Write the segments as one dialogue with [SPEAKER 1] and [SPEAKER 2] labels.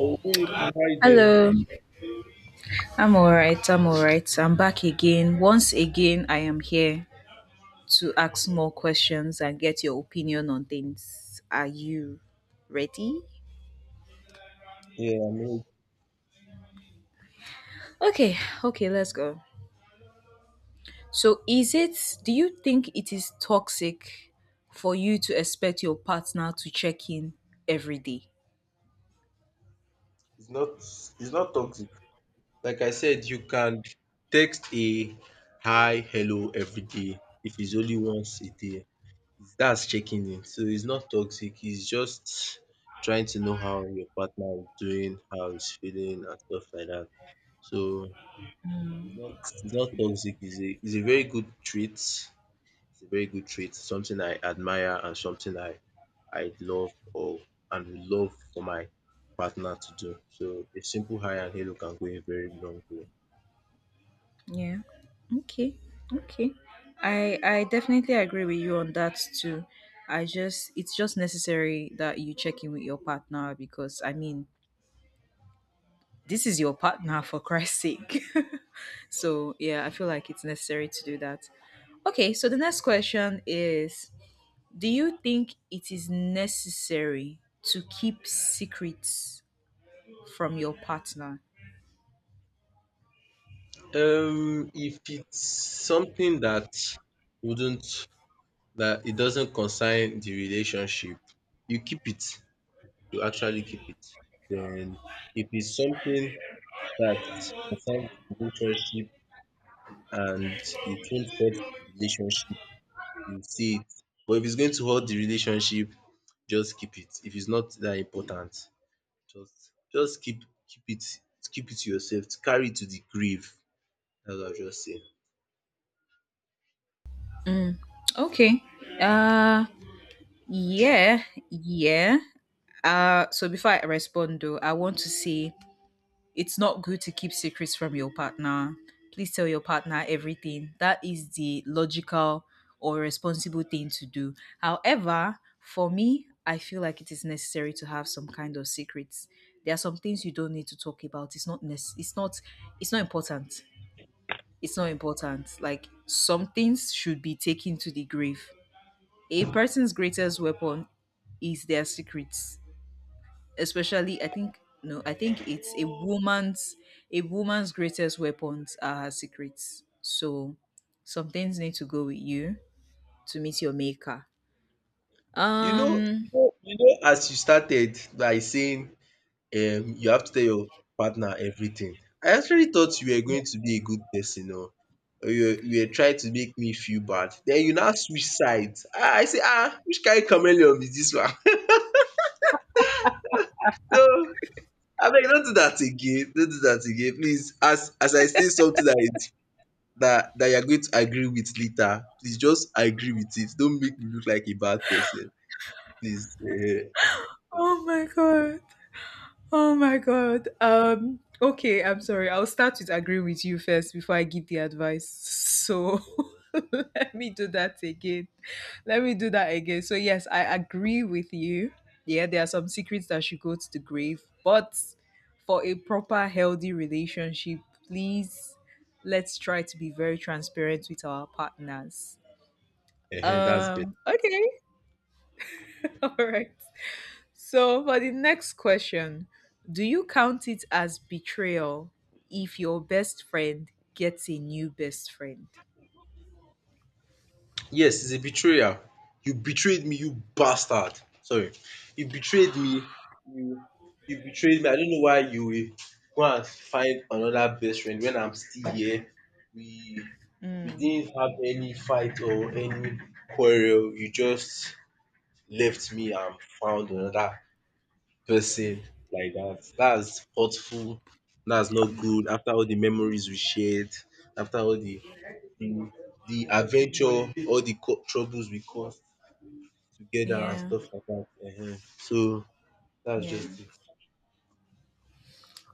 [SPEAKER 1] Oh, good evening. How you doing?
[SPEAKER 2] Hello, I'm alright. I'm back again. Once again, I am here to ask more questions and get your opinion on things. Are you ready?
[SPEAKER 1] Yeah, I mean,
[SPEAKER 2] Okay, okay, let's go. So, do you think it is toxic for you to expect your partner to check in every day?
[SPEAKER 1] it's not toxic. Like I said, you can text a hi, hello every day if it's only once a day. That's checking in. So it's not toxic. It's just trying to know how your partner is doing, how he's feeling, and stuff like that. So it's not it's not toxic. It's a very good trait, something I admire and something I love or and would love for my partner to do. So a simple hi and hello can go a very long way.
[SPEAKER 2] Yeah. Okay. Okay. I definitely agree with you on that too. I just it's just necessary that you check in with your partner because I mean this is your partner for Christ's sake. So yeah, I feel like it's necessary to do that. Okay, so the next question is: do you think it is necessary to keep secrets from your partner?
[SPEAKER 1] If it's something that wouldn't that it doesn't concern the relationship, you keep it. You actually keep it. Then if it's something that concerns the relationship and it won't hurt the relationship, you see it. But if it's going to hurt the relationship, just keep it. If it's not that important, just keep it to yourself, to carry it to the grave. That's what I'll just say.
[SPEAKER 2] Okay. Uh yeah, yeah. So before I respond, though, I want to say it's not good to keep secrets from your partner. Please tell your partner everything. That is the logical or responsible thing to do. However, for me, I feel like it is necessary to have some kind of secrets. There are some things you don't need to talk about. It's not important. It's not important. Like some things should be taken to the grave. A person's greatest weapon is their secrets, especially I think no, I think it's a woman's greatest weapons are her secrets. So some things need to go with you to meet your maker.
[SPEAKER 1] You know
[SPEAKER 2] Um
[SPEAKER 1] you know you know, as you started by saying you have to tell your partner everything. I actually thought you were going to be a good person oo. Or you were trying to make me feel bad. Then you now switch sides. I say ah, which kain chameleon be dis one? So abeg no do that again, no do dat again, please, as I say something dat that that you are going to agree with later, please just agree with it. Don't make me look like a bad person, please.
[SPEAKER 2] Oh my god. Oh my god. Okay, I'm sorry. I'll start with agreeing with you first before I give the advice. So let me do that again. Let me do that again. So yes, I agree with you. Yeah, there are some secrets that should go to the grave, but for a proper healthy relationship, please, let's try to be very transparent with our partners.
[SPEAKER 1] Dats beta.
[SPEAKER 2] Okay. All right. So, for the next question, do you count it as betrayal if your best friend gets a new best friend?
[SPEAKER 1] Yes is a betrayal, you betrayed me you bastard, sorry, you betrayed me, you you betrayed me. I don't know why you will go and find another best friend when I'm still here. We we didn't have any fight or any quarrel, you just left me and found another person like that. That's hurtful. That's not good. After all the memories we shared, after all the, the adventure, all the troubles we caused together and
[SPEAKER 2] Yeah.
[SPEAKER 1] stuff like that. So that's
[SPEAKER 2] Yeah.
[SPEAKER 1] just it.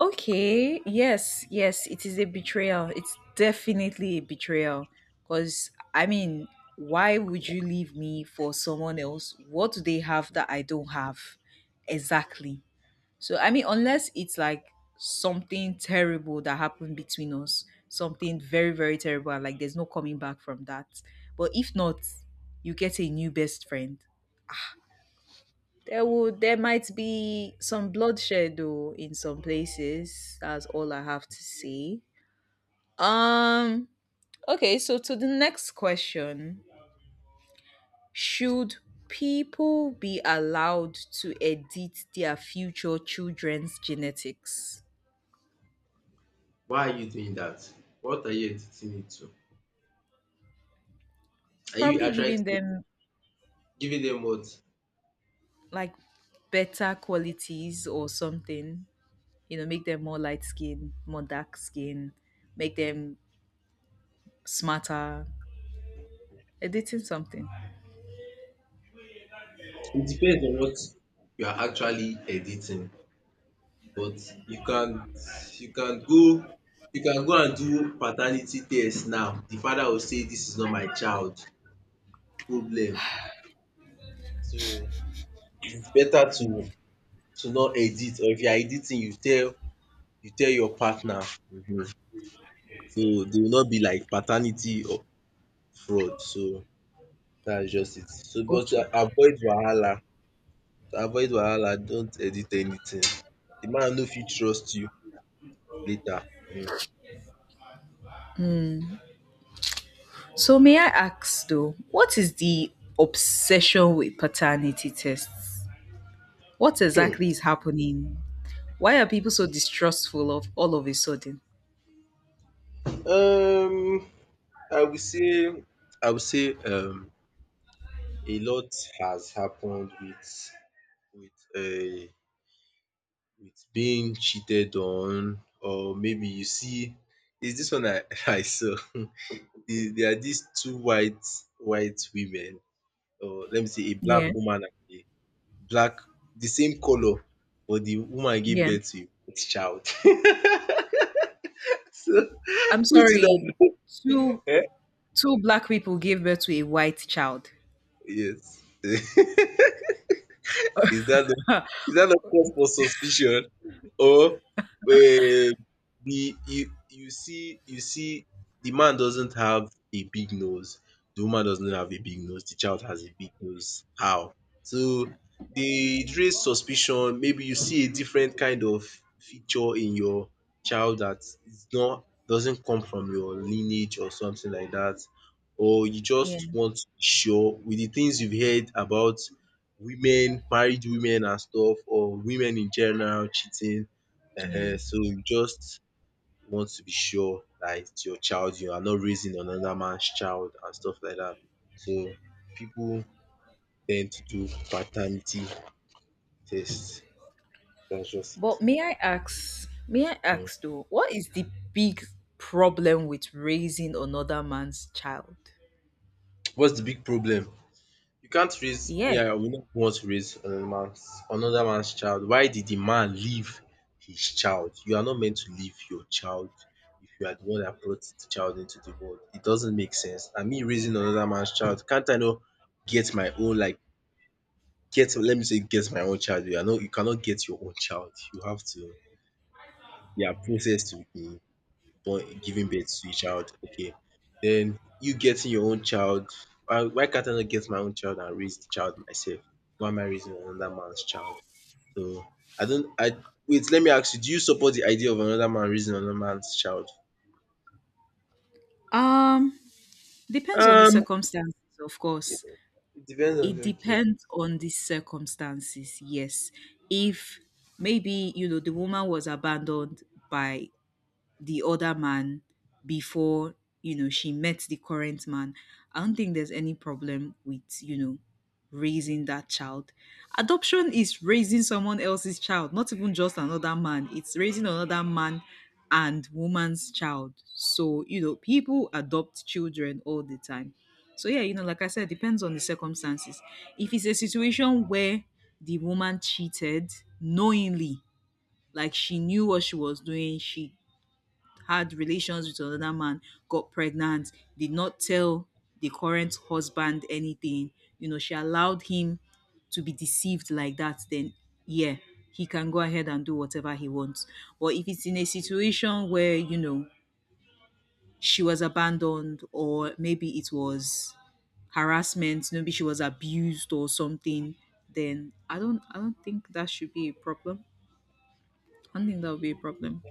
[SPEAKER 2] Okay, yes, it is a betrayal. It's definitely a betrayal. Because, I mean, why would you leave me for someone else? What do they have that I don't have? Exactly. So I mean, unless it's like something terrible that happened between us, something very very terrible, and like there's no coming back from that. But if not, you get a new best friend. There might be some bloodshed though in some places. That's all I have to say. Um. Okay. So to the next question: should people be allowed to edit their future children's genetics?
[SPEAKER 1] Why are you doing that? What are you editing it to? Are you
[SPEAKER 2] Probably
[SPEAKER 1] actually
[SPEAKER 2] giving them
[SPEAKER 1] giving them what?
[SPEAKER 2] like better qualities or something. You know, make them more light skin, more dark skin, make them smarter, editing something.
[SPEAKER 1] It depends on what you are actually editing. But you can you can go you can go and do paternity test now. De father go say dis is not my child, problem. So it's better to not edit, or if you are editing you tell your partner, um so dey will not be like paternity or fraud. So dats just it. So but to
[SPEAKER 2] Okay.
[SPEAKER 1] avoid wahala, don't edit anything. De man no fit trust you later. Mhm.
[SPEAKER 2] So may I ask though, what is the obsession with paternity tests? What exactly is happening? Why are people so distrustful of all of a sudden?
[SPEAKER 1] Um, I would say, I would say, a lot has happened with uh, with being cheated on, or maybe you see, is this one I I saw. There are these two white women, or let me say, a black
[SPEAKER 2] Yeah.
[SPEAKER 1] woman and a black, the same color, but the woman gave
[SPEAKER 2] Yeah.
[SPEAKER 1] birth to a white child. So,
[SPEAKER 2] I'm
[SPEAKER 1] which is
[SPEAKER 2] sorry.
[SPEAKER 1] that?
[SPEAKER 2] Two
[SPEAKER 1] Eh?
[SPEAKER 2] two black people gave birth to a white child.
[SPEAKER 1] Yes. Is that not is that not cause for suspicion? Or the you see the man doesn't have a big nose, the woman doesn't have a big nose, the child has a big nose. How? So they it raise suspicion. Maybe you see a different kind of feature in your child that is not doesn't come from your lineage or something like that. Or you
[SPEAKER 2] Yeah.
[SPEAKER 1] just want to be sure with the things you've heard about women, married women and stuff or women in general cheating.
[SPEAKER 2] Yeah.
[SPEAKER 1] So you just want to be sure that it's your child, you are not raising another man's child and stuff like that. So people tend to do paternity tests. That's just it.
[SPEAKER 2] But may I
[SPEAKER 1] um
[SPEAKER 2] ask though, what is the big problem with raising another man's child?
[SPEAKER 1] What's the big problem? You can't raise me,
[SPEAKER 2] Yeah.
[SPEAKER 1] I will not want to raise another man's child. Why did the man leave his child? You are not meant to leave your child if you are the one that brought the child into the world. It doesn't make sense. And me raising another man's child, can't I not get my own, like, get, let me say, get my own child. You are not you cannot get your own child. You have to There are process to be born giving birth to a child, okay. Then you getting your own child, why can't I not get my own child and raise the child myself? Why am I raising another man's child? So I don't I wait, let me ask you, do you support the idea of another man raising another man's child?
[SPEAKER 2] Um, depends on the
[SPEAKER 1] Um,
[SPEAKER 2] circumstances, of course.
[SPEAKER 1] It depends on
[SPEAKER 2] It
[SPEAKER 1] the Okay.
[SPEAKER 2] depends on the circumstances, yes. If maybe, you know, the woman was abandoned by the other man before, you know, she met the current man, I don't think there's any problem with, you know, raising that child. Adoption is raising someone else's child, not even just another man, it's raising another man and woman's child. So you know people adopt children all the time. So yeah, you know, like I said, depends on the circumstances. If it's a situation where the woman cheated knowingly, like she knew what she was doing, she had relations with another man, got pregnant, did not tell the current husband anything, you know, she allowed him to be deceived like that, then yeah, he can go ahead and do whatever he wants. But if it's in a situation where, you know, she was abandoned or maybe it was harassment, maybe she was abused or something, then I don't think that should be a problem. I don't think that would be a problem.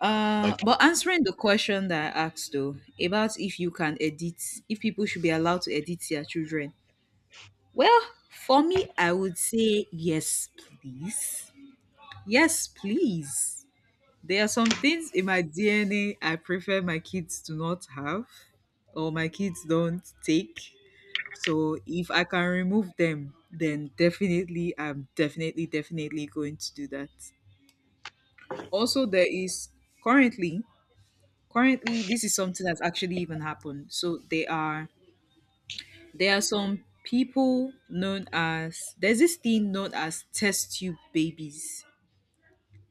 [SPEAKER 1] Okay.
[SPEAKER 2] But answering the question that I asked though, about if you can edit, if people should be allowed to edit their children, well, for me, I would say yes, please. Yes, please. There are some things in my DNA I prefer my kids to not have or my kids don't take. So if I can remove them, then definitely, definitely going to do that. Also, there is currently currently, this is something that's actually even happened. So they are there are some people known as there's this thing known as test tube babies.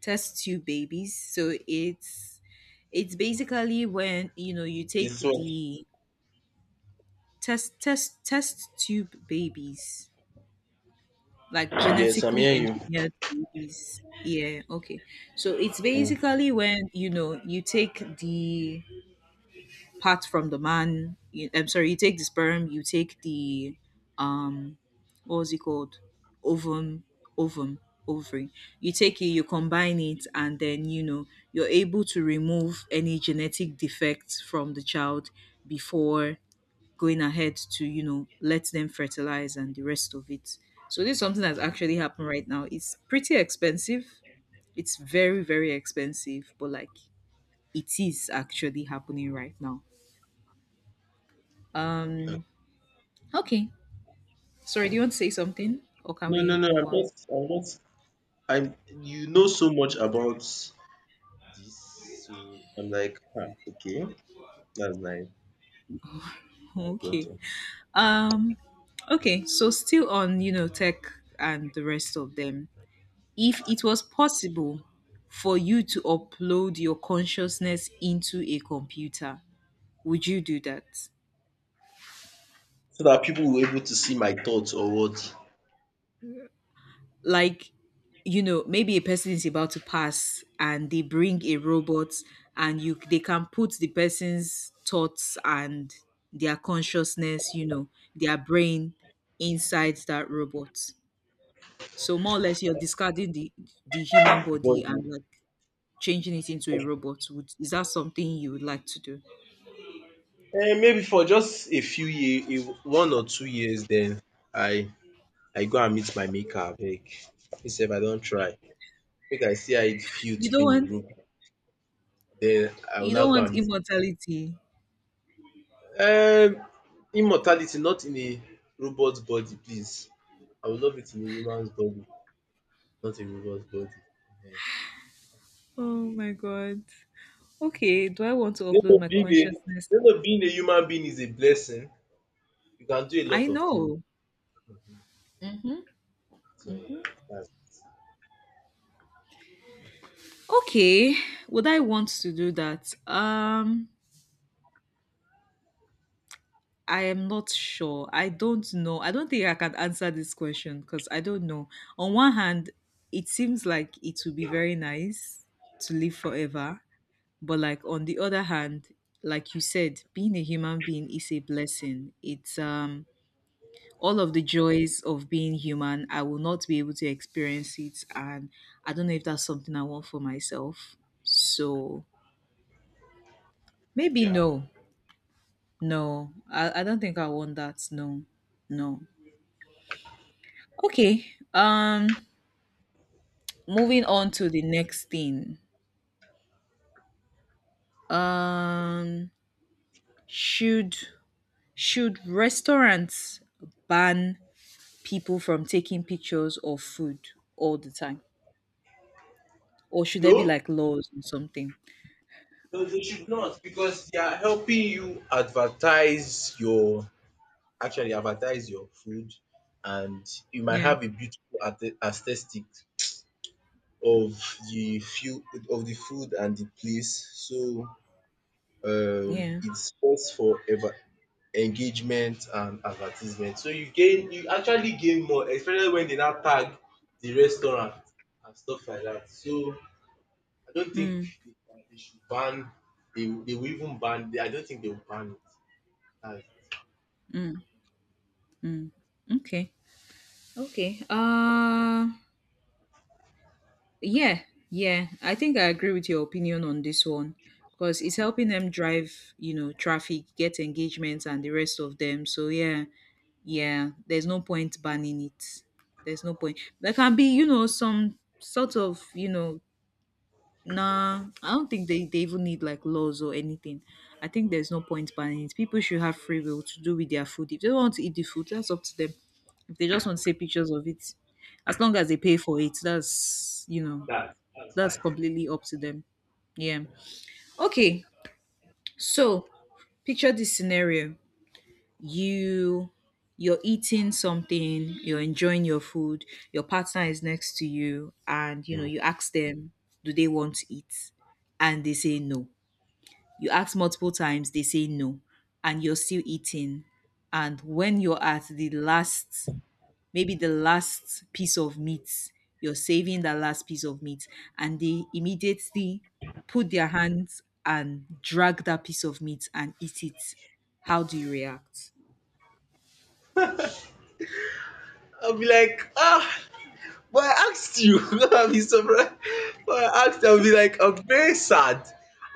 [SPEAKER 2] Test tube babies. So it's basically when, you know, you take
[SPEAKER 1] This one.
[SPEAKER 2] the test tube babies, like
[SPEAKER 1] Yes, I'm
[SPEAKER 2] genetically
[SPEAKER 1] hearing you.
[SPEAKER 2] engineered babies, yeah, okay. So it's
[SPEAKER 1] Mm,
[SPEAKER 2] basically when, you know, you take the part from the man. I'm sorry, you take the sperm, you take the um, what was it called? Ovum, ovum, ovary. You take it, you combine it, and then you know you're able to remove any genetic defects from the child before going ahead to, you know, let them fertilize and the rest of it. So this is something that's
[SPEAKER 1] mm.
[SPEAKER 2] actually happened right now. It's pretty expensive. It's very very expensive, but like it is actually happening right now. Um Okay. Sorry, do you want to say something or can
[SPEAKER 1] No, no,
[SPEAKER 2] we
[SPEAKER 1] no.
[SPEAKER 2] move
[SPEAKER 1] I'm
[SPEAKER 2] on?
[SPEAKER 1] not. I'm not. I'm. You know so much about this, so I'm like, ah, okay, that's nice. That's
[SPEAKER 2] Okay.
[SPEAKER 1] good.
[SPEAKER 2] Um okay, so still on, you know, tech and the rest of them. If it was possible for you to upload your consciousness into a computer, would you do that?
[SPEAKER 1] So that people were able to see my thoughts or what?
[SPEAKER 2] Like, you know, maybe a person is about to pass and they bring a robot, and you they can put the person's thoughts and their consciousness, you know, their brain inside that robot. So more or less you're discarding the human body,
[SPEAKER 1] But
[SPEAKER 2] and like changing it into a robot, would is that something you would like to do?
[SPEAKER 1] Maybe for just a few years, 1 or 2 years. Then I I go and meet my maker abeg. Instead, sef I don try. Make I see how it feel
[SPEAKER 2] you
[SPEAKER 1] to be
[SPEAKER 2] don't
[SPEAKER 1] in
[SPEAKER 2] want
[SPEAKER 1] group. Then I will
[SPEAKER 2] you
[SPEAKER 1] now
[SPEAKER 2] don't
[SPEAKER 1] go
[SPEAKER 2] want
[SPEAKER 1] and meet
[SPEAKER 2] immortality?
[SPEAKER 1] um immortality, not in a robot body, please. I would love it in a human's body, not a robot's body um.
[SPEAKER 2] Oh my god. Okay, do I want to
[SPEAKER 1] You
[SPEAKER 2] upload
[SPEAKER 1] know
[SPEAKER 2] my
[SPEAKER 1] being a
[SPEAKER 2] consciousness?
[SPEAKER 1] being a human being is a blessing. You can do a
[SPEAKER 2] I
[SPEAKER 1] lot of things.
[SPEAKER 2] know.
[SPEAKER 1] Mhm. So dats.
[SPEAKER 2] Okay, would I want to do that? I am not sure. I don't know. I don't think I can answer this question because I don't know. On one hand, it seems like it would be very nice to live forever, but like on the other hand, like you said, being a human being is a blessing. It's all of the joys of being human, I will not be able to experience it, and I don't know if that's something I want for myself. So maybe
[SPEAKER 1] Yeah.
[SPEAKER 2] no. No, I don't think I want that. No, no. Okay. Um, moving on to the next thing. Um, should should restaurants ban people from taking pictures of food all the time, or should there be
[SPEAKER 1] No,
[SPEAKER 2] like laws or something?
[SPEAKER 1] no, they should not because they are helping you advertise your actually advertise your food, and you might
[SPEAKER 2] Yeah,
[SPEAKER 1] have a beautiful aesthetic of the few of the food and the place. So
[SPEAKER 2] yeah.
[SPEAKER 1] it's first for ever engagement and advertisement. So you gain, you actually gain more, especially when they now tag the restaurant and stuff like that. So I don't think
[SPEAKER 2] Mm,
[SPEAKER 1] they they should ban. They will even ban. I don't think they will ban it. That's
[SPEAKER 2] mm. Okay, okay. Yeah, yeah. I think I agree with your opinion on this one because it's helping them drive, you know, traffic, get engagements, and the rest of them. So yeah, yeah. There's no point banning it. There's no point. There can be, you know, some sort of, you know, nah. I don't think they even need like laws or anything. I think there's no point banning it. People should have free will to do with their food. If they want to eat the food, that's up to them. If they just want to take pictures of it, as long as they pay for it, that's you know
[SPEAKER 1] that's
[SPEAKER 2] that's
[SPEAKER 1] fine.
[SPEAKER 2] completely up to them. Yeah. Okay. So picture this scenario. You you're eating something, you're enjoying your food, your partner is next to you, and you know,
[SPEAKER 1] Yeah.
[SPEAKER 2] you ask them, do they want to eat? And they say no. You ask multiple times, they say no, and you're still eating. And when you're at the last maybe the last piece of meat. You're saving that last piece of meat. And they immediately put their hands and drag that piece of meat and eat it. How do you react?
[SPEAKER 1] I'll be like, ah, but I asked you. I'll be surprised. But I asked, I'll be like, I'm very sad.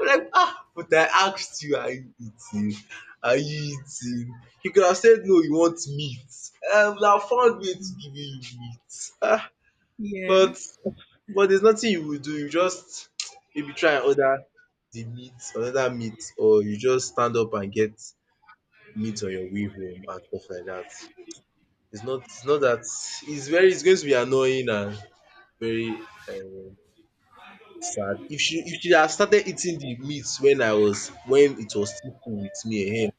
[SPEAKER 1] I'm like, ah, but I asked you, are you eating? Are you eating? You could have said no, you want meat. I would have found way to give you meat. Ah,
[SPEAKER 2] Yeah.
[SPEAKER 1] but But there's nothing you will do, you just maybe try and order the meat, another meat, or you just stand up and get meat on your way home and stuff like that. It's not that it's very it's going to be annoying and very sad. If she had started eating the meat when I was when it was still cool with me ehen,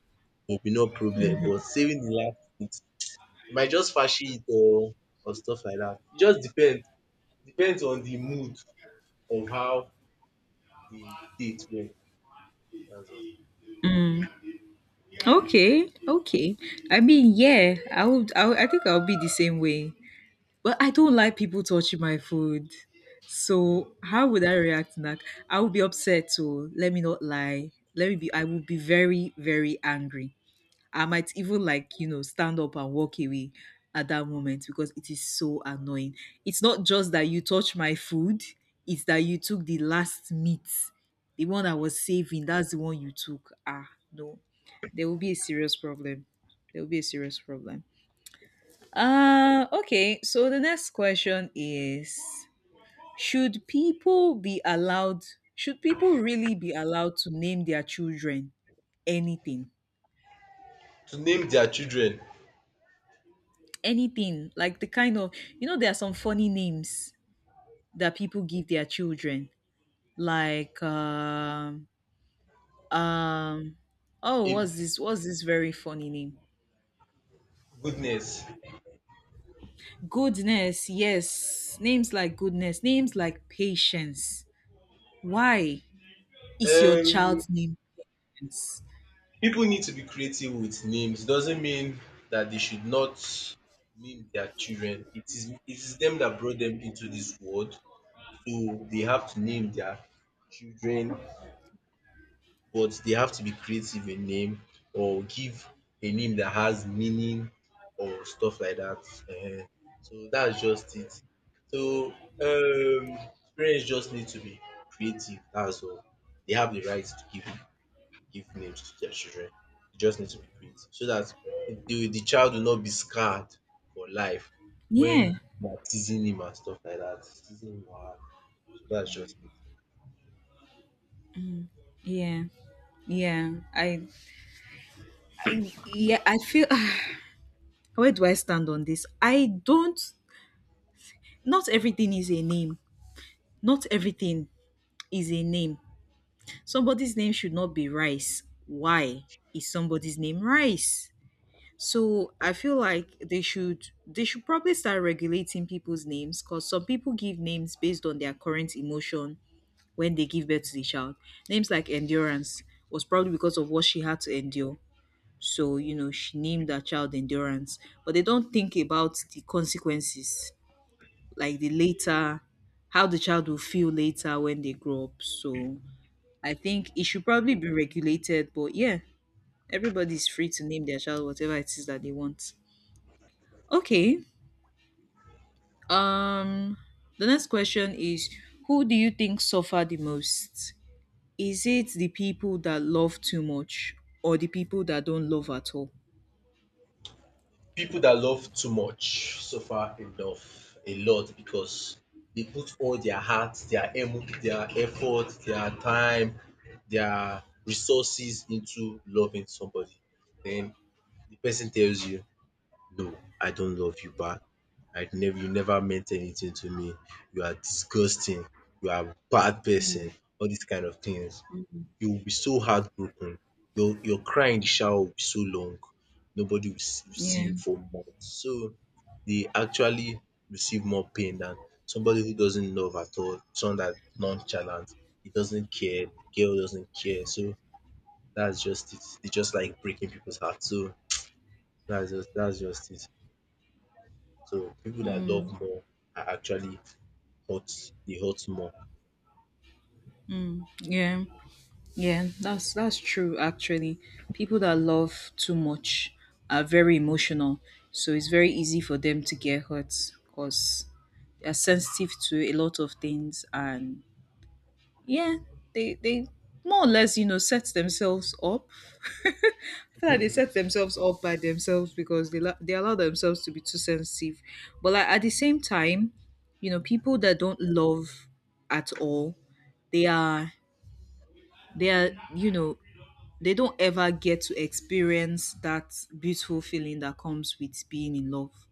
[SPEAKER 1] it would be no problem, but saving the last meat, you might just fashi it or stuff like that. It just depends on the mood of how the date went, that's all.
[SPEAKER 2] Okay. Okay. I mean, yeah. I think I'll be the same way. But I don't like people touching my food. So how would I react? Like I would be upset. So let me not lie. Let me be. I would be very, very angry. I might even like, you know, stand up and walk away at that moment because it is so annoying. It's not just that you touch my food, it's that you took the last meat. The one I was saving, that's the one you took. Ah, no. There will be a serious problem. There will be a serious problem. Okay. So the next question is: should people be allowed, should people really be allowed to name their children anything?
[SPEAKER 1] To name their children,
[SPEAKER 2] Anything like the kind of, you know, there are some funny names that people give their children, like um oh,
[SPEAKER 1] a
[SPEAKER 2] what's this very funny name.
[SPEAKER 1] goodness.
[SPEAKER 2] Goodness, yes, names like goodness, names like patience. Why is your
[SPEAKER 1] um
[SPEAKER 2] child's name patience?
[SPEAKER 1] People need to be creative with names. It doesn't mean that they should not name their children. It is them that brought them into this world, so they have to name their children, but they have to be creative in name or give a name that has meaning or stuff like that. Ehen. So that's just it. So um parents just need to be creative, that's all. They have the right to give names to their children. They just need to be creative so that the child will not be scarred for life
[SPEAKER 2] yeah
[SPEAKER 1] when they are teasing him and stuff like that, teasing him wahala. So that's just it.
[SPEAKER 2] yeah yeah i, I feel where do I stand on this? I don't, not everything is a name, not everything is a name. Somebody's name should not be Rice. Why is somebody's name Rice? So I feel like they should probably start regulating people's names because some people give names based on their current emotion when they give birth to the child. Names like Endurance was probably because of what she had to endure. So, you know, she named her child Endurance, but they don't think about the consequences, like the later, how the child will feel later when they grow up. So, I think it should probably be regulated, but yeah, everybody's free to name their child whatever it is that they want. Okay. Um the next question is, who do you think suffer the most? Is it the people that love too much or the people that don't love at all?
[SPEAKER 1] People that love too much suffer enough a lot because they put all their heart, their effort, their time, their resources into loving somebody. Then the person tells you, "No, I don't love you back. I never, You never meant anything to me. You are disgusting. You are a bad person." All these kind of things, you will be so heartbroken. Your cry in the shower will be so long, nobody will see
[SPEAKER 2] Yeah.
[SPEAKER 1] you for months. So they actually receive more pain than somebody who doesn't love at all, someone that nonchalant, he doesn't care, the girl doesn't care. So that's just it. They just like breaking people's hearts. So that's just it. So people that love more are actually hurt they hurt more.
[SPEAKER 2] Yeah. Yeah, that's true actually. People that love too much are very emotional, so it's very easy for them to get hurt because they're sensitive to a lot of things and yeah, they more or less, you know, set themselves up. I feel like they set themselves up by themselves because they allow themselves to be too sensitive. But like at the same time, you know, people that don't love at all, they are, they are, you know, they don't ever get to experience that beautiful feeling that comes with being in love.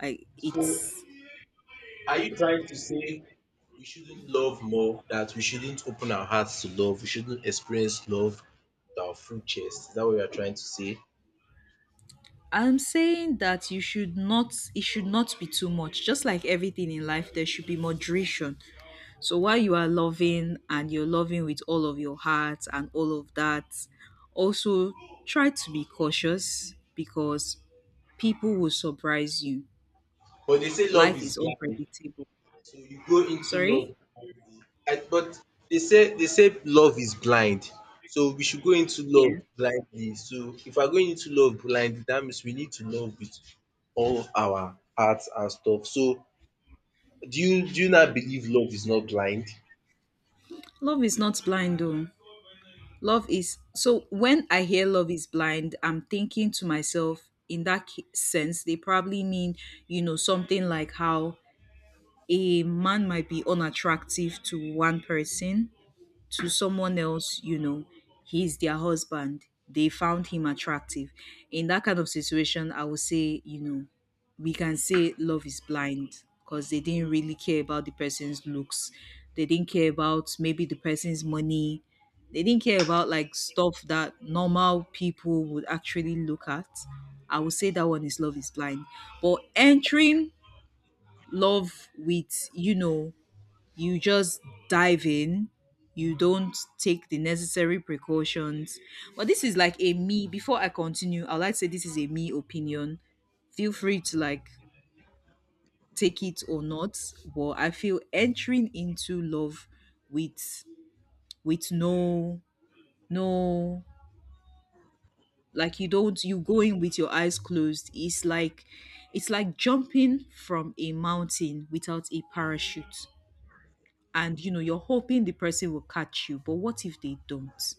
[SPEAKER 2] I
[SPEAKER 1] So,
[SPEAKER 2] it's
[SPEAKER 1] are you trying to say we shouldn't love more, that we shouldn't open our hearts to love, we shouldn't experience love with our full chest? Is that what you are trying to say?
[SPEAKER 2] I'm saying that you should not, it should not be too much. Just like everything in life, there should be moderation. So while you are loving and you're loving with all of your heart and all of that, also try to be cautious because people will surprise you.
[SPEAKER 1] But they say love
[SPEAKER 2] Life
[SPEAKER 1] is
[SPEAKER 2] is
[SPEAKER 1] blind,
[SPEAKER 2] unpredictable.
[SPEAKER 1] so you go into
[SPEAKER 2] Sorry?
[SPEAKER 1] love blindly. But they say love is blind, so we should go into
[SPEAKER 2] Yeah.
[SPEAKER 1] love blindly. So if we're going into love blindly, that means we need to love with all of our hearts and stuff. So do you not believe love is not blind?
[SPEAKER 2] Love is not blind though. Love is So when I hear love is blind, I'm thinking to myself, in that sense, they probably mean, you know, something like how a man might be unattractive to one person, to someone else, you know, he's their husband, they found him attractive. In that kind of situation, I would say, you know, we can say love is blind because they didn't really care about the person's looks. They didn't care about maybe the person's money. They didn't care about like stuff that normal people would actually look at. I would say that one is love is blind. But entering love with, you know, you just dive in, you don't take the necessary precautions. But this is like a me, before I continue, I'd like to say this is a me opinion, feel free to like take it or not. But I feel entering into love with with no, no, like you don't, you going with your eyes closed, it's like, it's like jumping from a mountain without a parachute, and you know you're hoping the person will catch you, but what if they don't?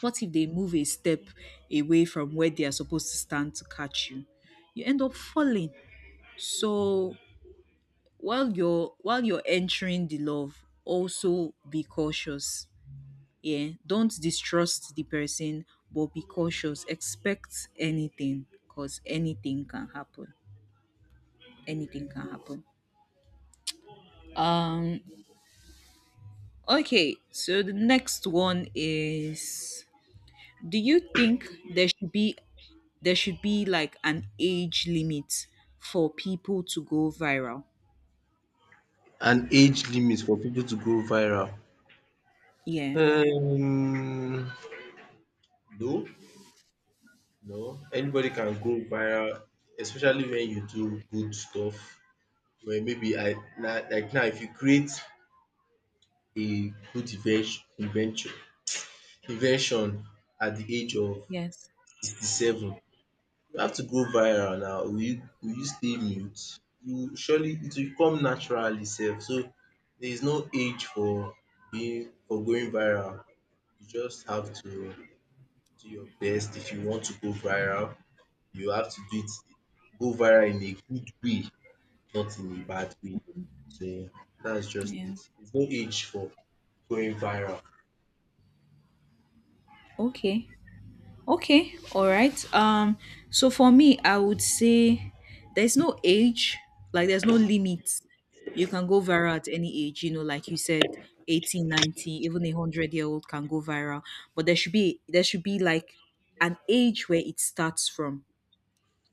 [SPEAKER 2] What if they move a step away from where they are supposed to stand to catch you? You end up falling. So while you're entering the love, also be cautious. Yeah, don't distrust the person, but be cautious. Expect anything, cause anything can happen. Anything can happen. Um. Okay. So the next one is, do you think there should be, like an age limit for people to go viral?
[SPEAKER 1] An age limit for people to go viral.
[SPEAKER 2] Yeah.
[SPEAKER 1] Um, no, no. Anybody can go viral, especially when you do good stuff. Well, maybe like now, if you create a good invention at the age of
[SPEAKER 2] Yes.
[SPEAKER 1] 67, you have to go viral now. Will you stay mute? You Surely it will come naturally, Self. So there is no age for being for going viral. You just have to do your best. If you want to go viral, you have to do it, go viral in a good way, not in a bad way. So that's just
[SPEAKER 2] Yeah.
[SPEAKER 1] it. There's no age for going viral.
[SPEAKER 2] Okay. Okay. All right. So for me, I would say there's no age, like there's no limit. You can go viral at any age, you know, like you said 18, even a 100-year-old can go viral, but there should be like an age where it starts from.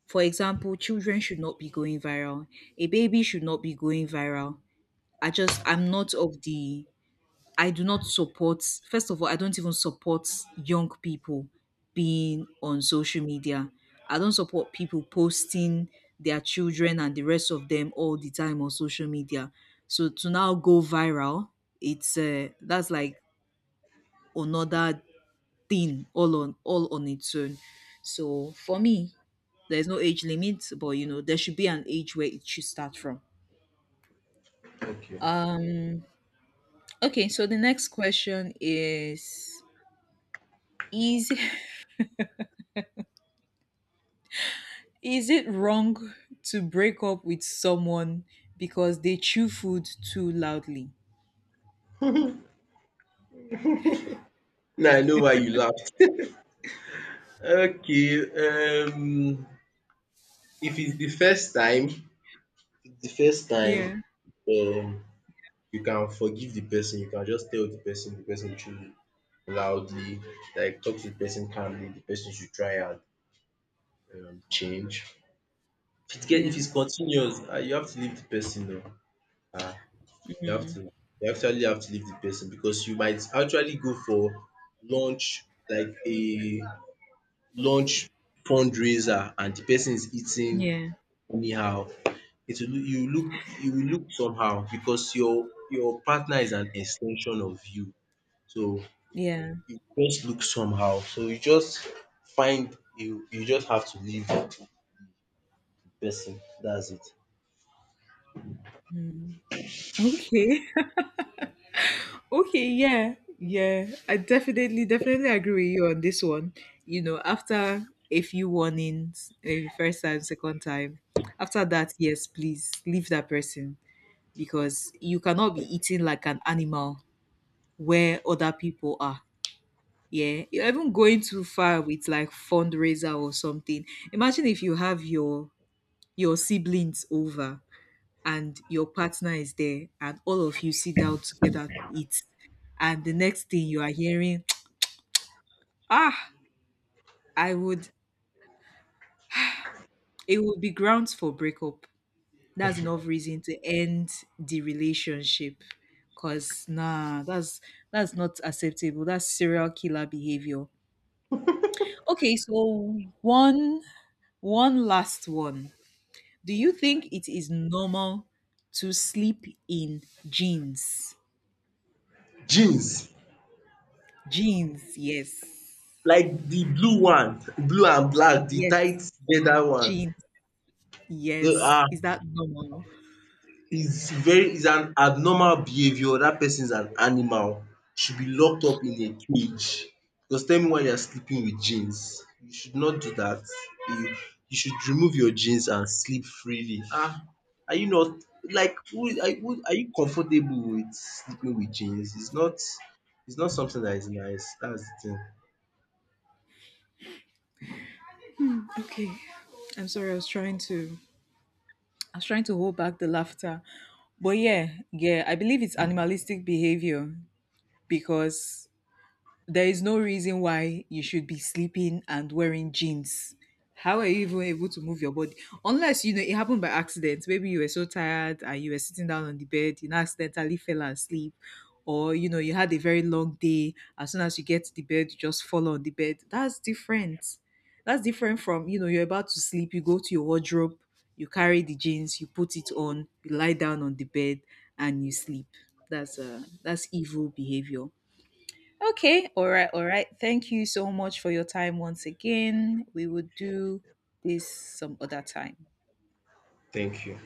[SPEAKER 2] For example, children should not be going viral. A baby should not be going viral. I'm not of the, I do not support, first of all, I don't even support young people being on social media. I don't support people posting their children and the rest of them all the time on social media. So to now go viral, it's, that's like another thing all on its own. So for me, there's no age limit, but you know, there should be an age where it should start from.
[SPEAKER 1] Okay.
[SPEAKER 2] Um okay, so the next question is, is is it wrong to break up with someone because they chew food too loudly?
[SPEAKER 1] Now I know why you laughed. Okay. If it's the first time, if it's the first time,
[SPEAKER 2] Yeah,
[SPEAKER 1] um, you can forgive the person. You can just tell the person. The person should loudly, like talk to the person calmly. The person should try and change. If it get
[SPEAKER 2] yeah,
[SPEAKER 1] if it's continuous, ah, you have to leave the person. Though. Ah, You have to you actually have to leave the person because you might actually go for lunch like a lunch fundraiser and the person is eating
[SPEAKER 2] yeah,
[SPEAKER 1] anyhow. It will look you will look somehow because your partner is an extension of you. So
[SPEAKER 2] yeah.
[SPEAKER 1] you just look somehow. So you just find you you just have to leave the person. That's it.
[SPEAKER 2] Okay. Okay, yeah. I definitely agree with you on this one. You know, after a few warnings, maybe first time, second time, after that, yes, please leave that person because you cannot be eating like an animal where other people are. Yeah, you're even going too far with like fundraiser or something. Imagine if you have your siblings over and your partner is there and all of you sit down together to eat and the next thing you are hearing ah, I would it would be grounds for breakup, that's enough reason to end the relationship, because nah, that's not acceptable. That's serial killer behavior. Okay, so one last one, do you think it is normal to sleep in jeans?
[SPEAKER 1] Jeans
[SPEAKER 2] Jeans, yes.
[SPEAKER 1] like the blue one, blue and black, the
[SPEAKER 2] Yes,
[SPEAKER 1] tight leather one.
[SPEAKER 2] jeans.
[SPEAKER 1] The
[SPEAKER 2] Yes. Is that normal?
[SPEAKER 1] is an abnormal behaviour. That person is an animal, should be locked up in a cage, because tell me why you are sleeping with jeans. You should not do that. you you should remove your jeans and sleep freely. Ah, are you not, like, who are you comfortable with sleeping with jeans? It's not. It's not something that is nice. That's de thing.
[SPEAKER 2] Okay. I'm sorry. I was trying to. I was trying to hold back the laughter, but yeah, yeah. I believe it's animalistic behavior because there is no reason why you should be sleeping and wearing jeans. How are you even able to move your body? Unless you know it happened by accident. Maybe you were so tired and you were sitting down on the bed, you know, accidentally fell asleep, or you know, you had a very long day. As soon as you get to the bed, you just fall on the bed. That's different. That's different from, you know, you're about to sleep, you go to your wardrobe, you carry the jeans, you put it on, you lie down on the bed, and you sleep. That's evil behavior. Okay, all right, all right. Thank you so much for your time once again. We will do this some other time.
[SPEAKER 1] Thank you.